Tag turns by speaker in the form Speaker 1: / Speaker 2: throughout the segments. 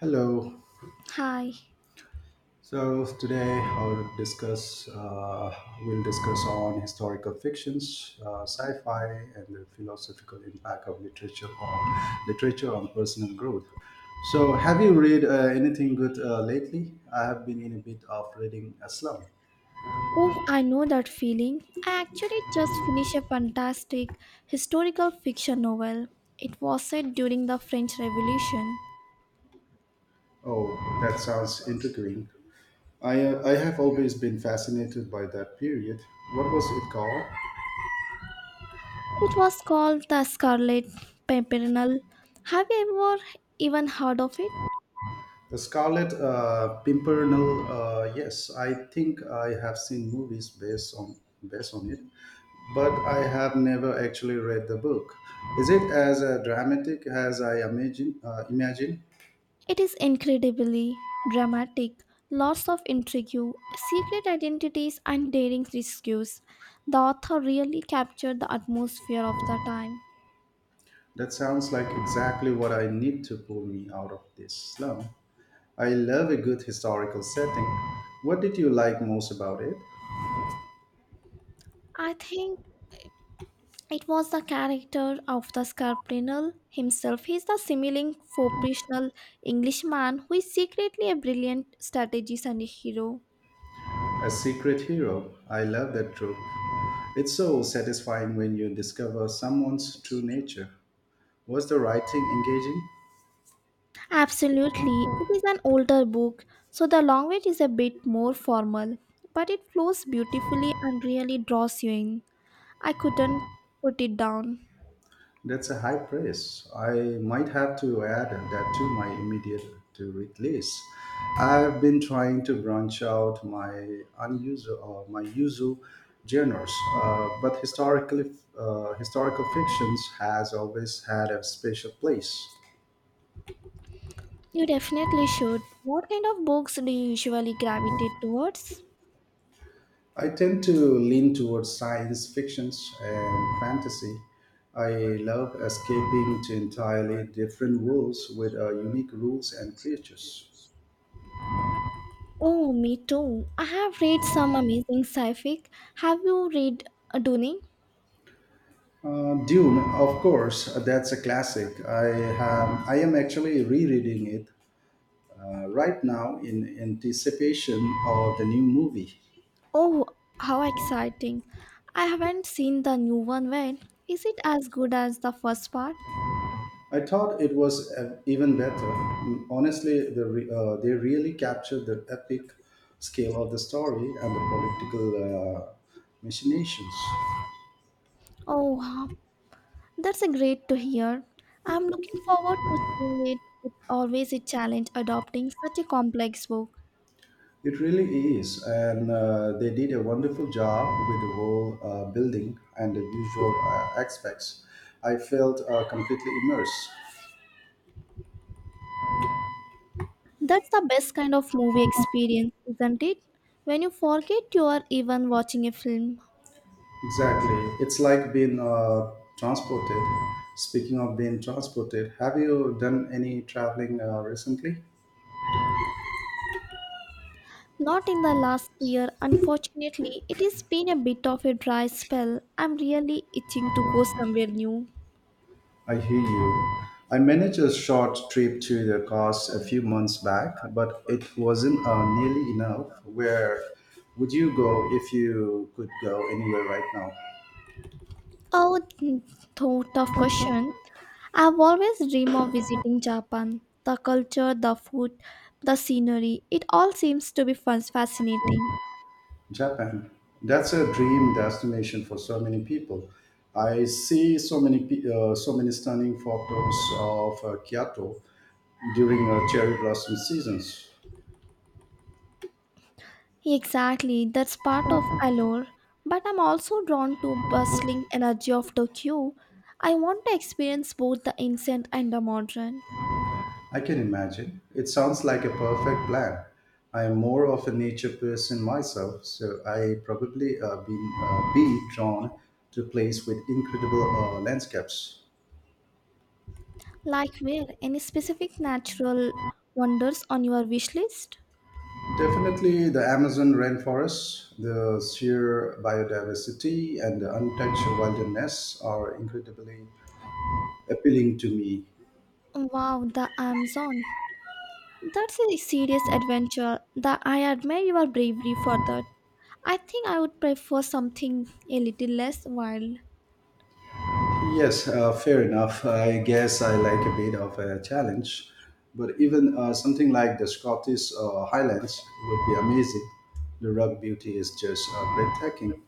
Speaker 1: Hello.
Speaker 2: Hi.
Speaker 1: So today I'll discuss. We'll discuss on historical fictions, sci-fi, and the philosophical impact of literature on literature on personal growth. So, have you read anything good lately? I have been in a bit of reading a slum.
Speaker 2: Oh, I know that feeling. I actually just finished a fantastic historical fiction novel. It was set during the French Revolution.
Speaker 1: Oh, that sounds intriguing. I have always been fascinated by that period. What was it called?
Speaker 2: It was called The Scarlet Pimpernel. Have you ever even heard of it?
Speaker 1: The Scarlet Pimpernel. Yes, I think I have seen movies based on it, but I have never actually read the book. Is it as dramatic as I imagine? Imagine
Speaker 2: It is incredibly dramatic, lots of intrigue, secret identities, and daring rescues. The author really captured the atmosphere of the time.
Speaker 1: that sounds like exactly what I need to pull me out of this slum. I love a good historical setting. What did you like most about it?
Speaker 2: I think it was the character of the Scarpinal himself. He is the smiling, professional Englishman who is secretly a brilliant strategist and a hero.
Speaker 1: A secret hero. I love that trope. It's so satisfying when you discover someone's true nature. Was the writing engaging?
Speaker 2: Absolutely. It is an older book, so the language is a bit more formal, but it flows beautifully and really draws you in. I couldn't put it down.
Speaker 1: That's a high praise. I might have to add that to my immediate to read list. I've been trying to branch out my usual genres, but historical fictions has always had a special place.
Speaker 2: You definitely should. What kind of books do you usually gravitate towards?
Speaker 1: I tend to lean towards science fictions and fantasy. I love escaping to entirely different worlds with unique rules and creatures.
Speaker 2: Oh, me too. I have read some amazing sci-fi. Have you read Dune?
Speaker 1: Dune, of course, that's a classic. I am actually rereading it right now in anticipation of the new movie.
Speaker 2: Oh, how exciting. I haven't seen the new one yet. Is it as good as the first part?
Speaker 1: I thought it was even better. Honestly, they really captured the epic scale of the story and the political machinations.
Speaker 2: Oh, wow, that's a great to hear. I'm looking forward to seeing it. It's always a challenge adopting such a complex book.
Speaker 1: It really is, and they did a wonderful job with the whole building and the visual aspects. I felt completely immersed.
Speaker 2: That's the best kind of movie experience, isn't it? When you forget you are even watching a film.
Speaker 1: Exactly. It's like being transported. Speaking of being transported, have you done any traveling recently?
Speaker 2: Not in the last year, unfortunately. It has been a bit of a dry spell. I'm really itching to go somewhere new.
Speaker 1: I hear you. I managed a short trip to the coast a few months back, but it wasn't nearly enough. Where would you go if you could go anywhere right now?
Speaker 2: Oh, tough question. I've always dreamed of visiting Japan. The culture, the food, the scenery, it all seems to be fascinating.
Speaker 1: Japan. That's a dream destination for so many people. I see so many stunning photos of Kyoto during cherry blossom seasons.
Speaker 2: Exactly, that's part of allure. But I'm also drawn to bustling energy of Tokyo. I want to experience both the ancient and the modern.
Speaker 1: I can imagine. It sounds like a perfect plan. I am more of a nature person myself, so I probably been be drawn to a place with incredible landscapes.
Speaker 2: Like where? Any specific natural wonders on your wish list?
Speaker 1: Definitely the Amazon rainforest, the sheer biodiversity, and the untouched wilderness are incredibly appealing to me.
Speaker 2: Wow, the Amazon. That's a serious adventure. The I admire your bravery for that. I think I would prefer something a little less wild.
Speaker 1: Yes, fair enough. I guess I like a bit of a challenge, but even something like the Scottish Highlands would be amazing. The rock beauty is just breathtaking.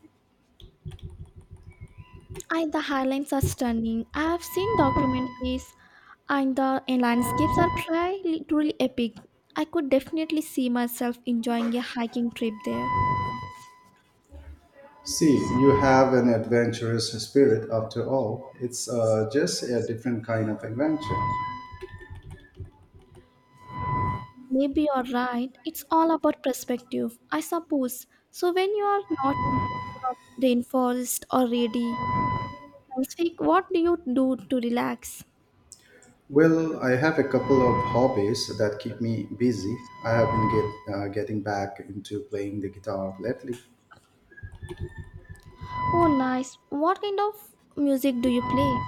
Speaker 2: And the highlands are stunning. I have seen documentaries, and the landscapes are truly, truly epic. I could definitely see myself enjoying a hiking trip there.
Speaker 1: See, you have an adventurous spirit after all. It's just a different kind of adventure.
Speaker 2: Maybe you're right. It's all about perspective, I suppose. So when you are not in the rainforest or ready, speak, what do you do to relax?
Speaker 1: Well, I have a couple of hobbies that keep me busy. I have been getting back into playing the guitar lately.
Speaker 2: Oh, nice. What kind of music do you play?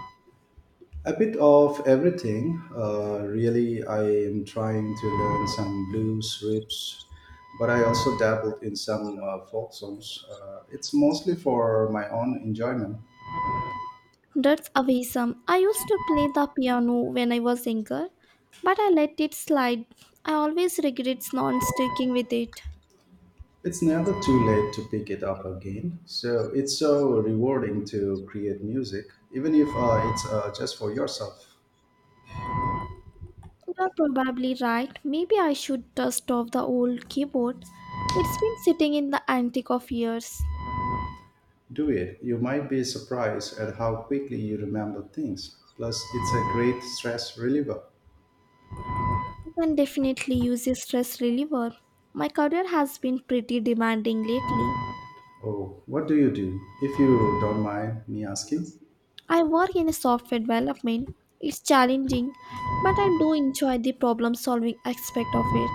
Speaker 1: A bit of everything. Really, I am trying to learn some blues riffs, but I also dabbled in some folk songs. It's mostly for my own enjoyment.
Speaker 2: That's awesome. I used to play the piano when I was younger, but I let it slide. I always regret not sticking with it.
Speaker 1: It's never too late to pick it up again. So it's so rewarding to create music, even if it's just for yourself.
Speaker 2: You're probably right. Maybe I should dust off the old keyboard. It's been sitting in the attic of years.
Speaker 1: Do it. You might be surprised at how quickly you remember things. Plus, it's a great stress reliever.
Speaker 2: You can definitely use a stress reliever. My career has been pretty demanding lately.
Speaker 1: Oh, what do you do? If you don't mind me asking,
Speaker 2: I work in a software development. It's challenging, but I do enjoy the problem solving aspect of it.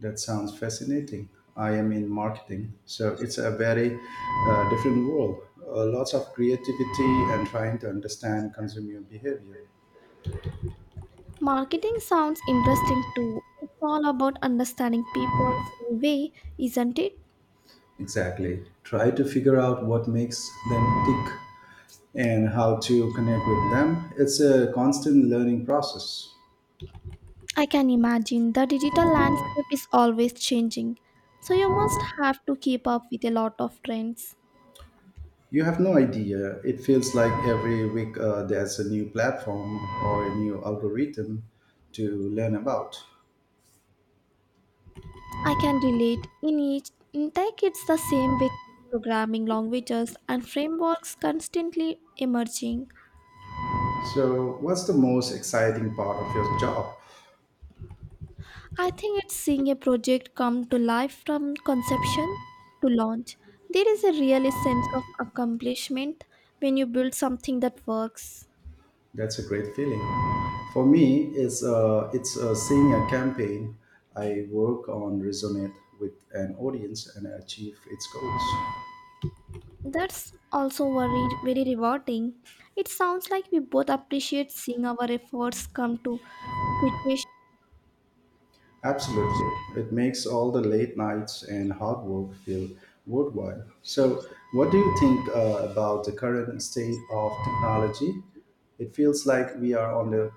Speaker 1: that sounds fascinating. I am in marketing, so it's a very different world. Lots of creativity and trying to understand consumer behavior.
Speaker 2: Marketing sounds interesting too. It's all about understanding people in a way, isn't it?
Speaker 1: Exactly. Try to figure out what makes them tick and how to connect with them. It's a constant learning process.
Speaker 2: I can imagine the digital landscape is always changing, so you must have to keep up with a lot of trends.
Speaker 1: You have no idea. It feels like every week there's a new platform or a new algorithm to learn about.
Speaker 2: I can relate. In tech, it's the same with programming languages and frameworks constantly emerging.
Speaker 1: So, what's the most exciting part of your job?
Speaker 2: I think it's seeing a project come to life from conception to launch. There is a real sense of accomplishment when you build something that works.
Speaker 1: That's a great feeling. For me, it's seeing a campaign I work on resonate with an audience and achieve its goals.
Speaker 2: That's also very, very rewarding. It sounds like we both appreciate seeing our efforts come to fruition.
Speaker 1: Absolutely. It makes all the late nights and hard work feel worthwhile. So, what do you think about the current state of technology? It feels like we are on the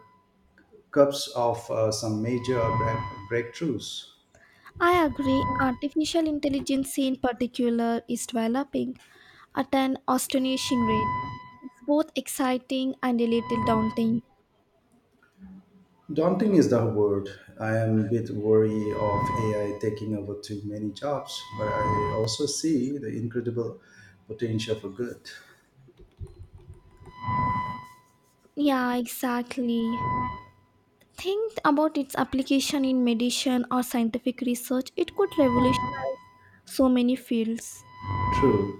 Speaker 1: cusp of some major breakthroughs.
Speaker 2: I agree. Artificial intelligence, in particular, is developing at an astonishing rate, both exciting and a little daunting.
Speaker 1: Daunting is the word. I am a bit worried of AI taking over too many jobs, but I also see the incredible potential for good.
Speaker 2: Yeah, exactly. Think about its application in medicine or scientific research. It could revolutionize so many fields.
Speaker 1: True.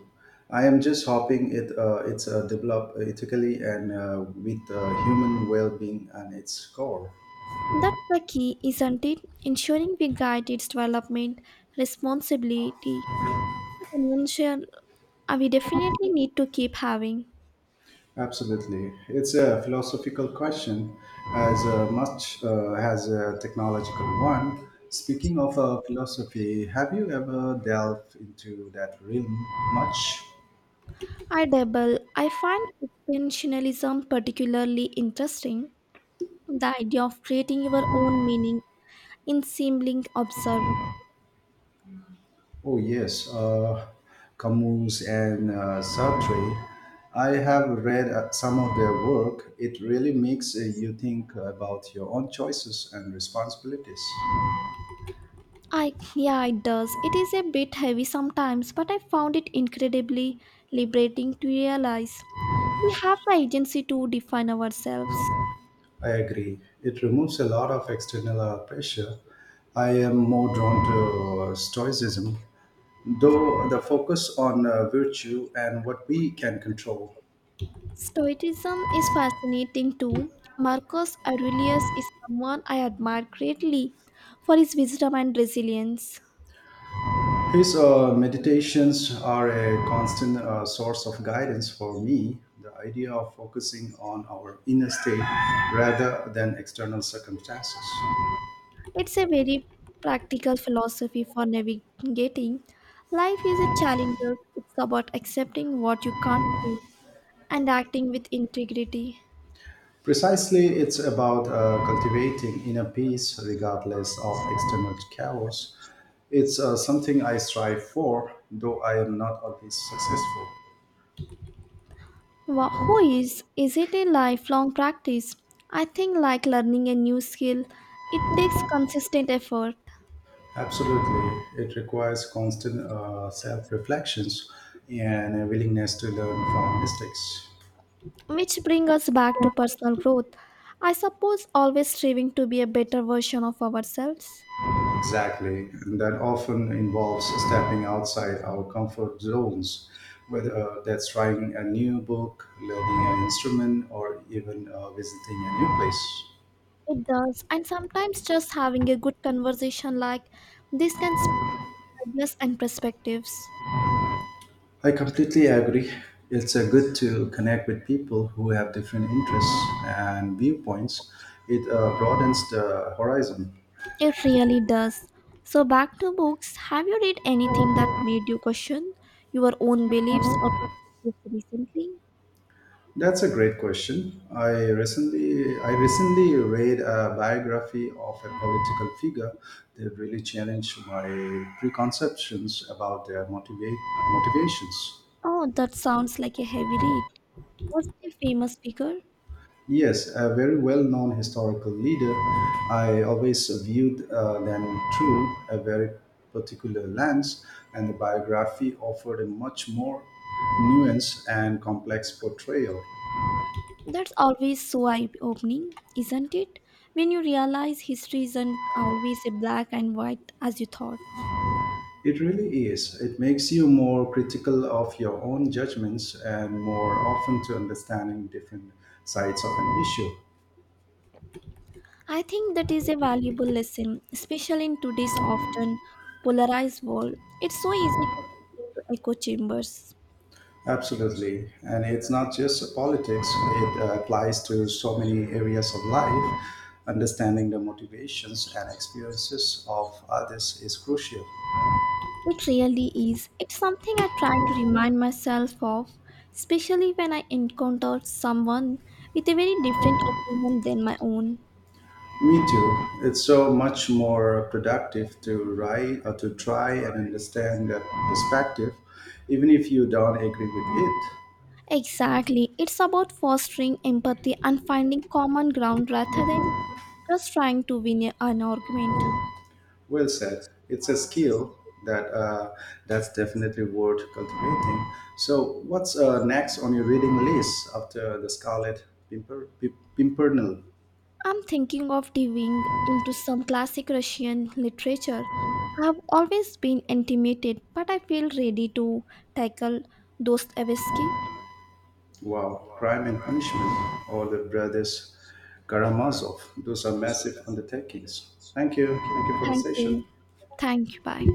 Speaker 1: I am just hoping it's developed ethically and with human well-being and its core.
Speaker 2: That's the key, isn't it? Ensuring we guide its development responsibility. The convention we definitely need to keep having.
Speaker 1: Absolutely, it's a philosophical question as much as a technological one. Speaking of philosophy, have you ever delved into that realm much?
Speaker 2: I dabble. I find expansionism particularly interesting. The idea of creating your own meaning in seeming absurd.
Speaker 1: Oh, yes, Camus and Sartre. I have read some of their work. It really makes you think about your own choices and responsibilities.
Speaker 2: I Yeah, it does. It is a bit heavy sometimes, but I found it incredibly liberating to realize we have the agency to define ourselves.
Speaker 1: I agree. It removes a lot of external pressure. I am more drawn to Stoicism, though the focus on virtue and what we can control.
Speaker 2: Stoicism is fascinating too. Marcus Aurelius is someone I admire greatly for his wisdom and resilience.
Speaker 1: His meditations are a constant source of guidance for me. The idea of focusing on our inner state rather than external circumstances.
Speaker 2: It's a very practical philosophy for navigating. Life is a challenge. It's about accepting what you can't change and acting with integrity.
Speaker 1: Precisely, it's about cultivating inner peace regardless of external chaos. It's something I strive for, though I am not always successful.
Speaker 2: Who is? Is it a lifelong practice? I think like learning a new skill, it takes consistent effort,
Speaker 1: Absolutely. It requires constant self reflections and a willingness to learn from mistakes.
Speaker 2: which brings us back to personal growth. I suppose always striving to be a better version of ourselves.
Speaker 1: Exactly. And that often involves stepping outside our comfort zones, whether that's trying a new book, learning an instrument, or even visiting a new place.
Speaker 2: It does. And sometimes just having a good conversation like this can spark ideas and perspectives.
Speaker 1: I completely agree. It's a good to connect with people who have different interests and viewpoints. It broadens the horizon.
Speaker 2: It really does. So, back to books. Have you read anything that made you question your own beliefs or perspectives recently?
Speaker 1: That's a great question. I recently read a biography of a political figure that really challenged my preconceptions about their motivate motivations.
Speaker 2: Oh, that sounds like a heavy read. Was it a famous figure?
Speaker 1: Yes, a very well-known historical leader. I always viewed them through a very particular lens, and the biography offered a much more nuanced and complex portrayal.
Speaker 2: That's always so eye opening, isn't it? When you realize history isn't always a black and white as you thought.
Speaker 1: It really is. It makes you more critical of your own judgments and more open to understanding different sides of an issue.
Speaker 2: I think that is a valuable lesson, especially in today's often polarized world. It's so easy to fall into echo chambers.
Speaker 1: Absolutely. And it's not just politics, it applies to so many areas of life. Understanding the motivations and experiences of others is crucial.
Speaker 2: It really is. It's something I try to remind myself of, especially when I encounter someone with a very different opinion than my own.
Speaker 1: Me too. It's so much more productive to write or to try and understand that perspective, even if you don't agree with it.
Speaker 2: Exactly. It's about fostering empathy and finding common ground rather than just trying to win an argument.
Speaker 1: Well said. It's a skill that uh, that's definitely worth cultivating. So, what's next on your reading list after the Scarlet Pimpernel?
Speaker 2: I'm thinking of diving into some classic Russian literature. I've always been intimidated, but I feel ready to tackle Dostoevsky.
Speaker 1: Wow, Crime and Punishment, or the Brothers Karamazov. Those are massive undertakings. Thank you. Thank you for the
Speaker 2: Thank you.
Speaker 1: session.
Speaker 2: Thank you. Bye.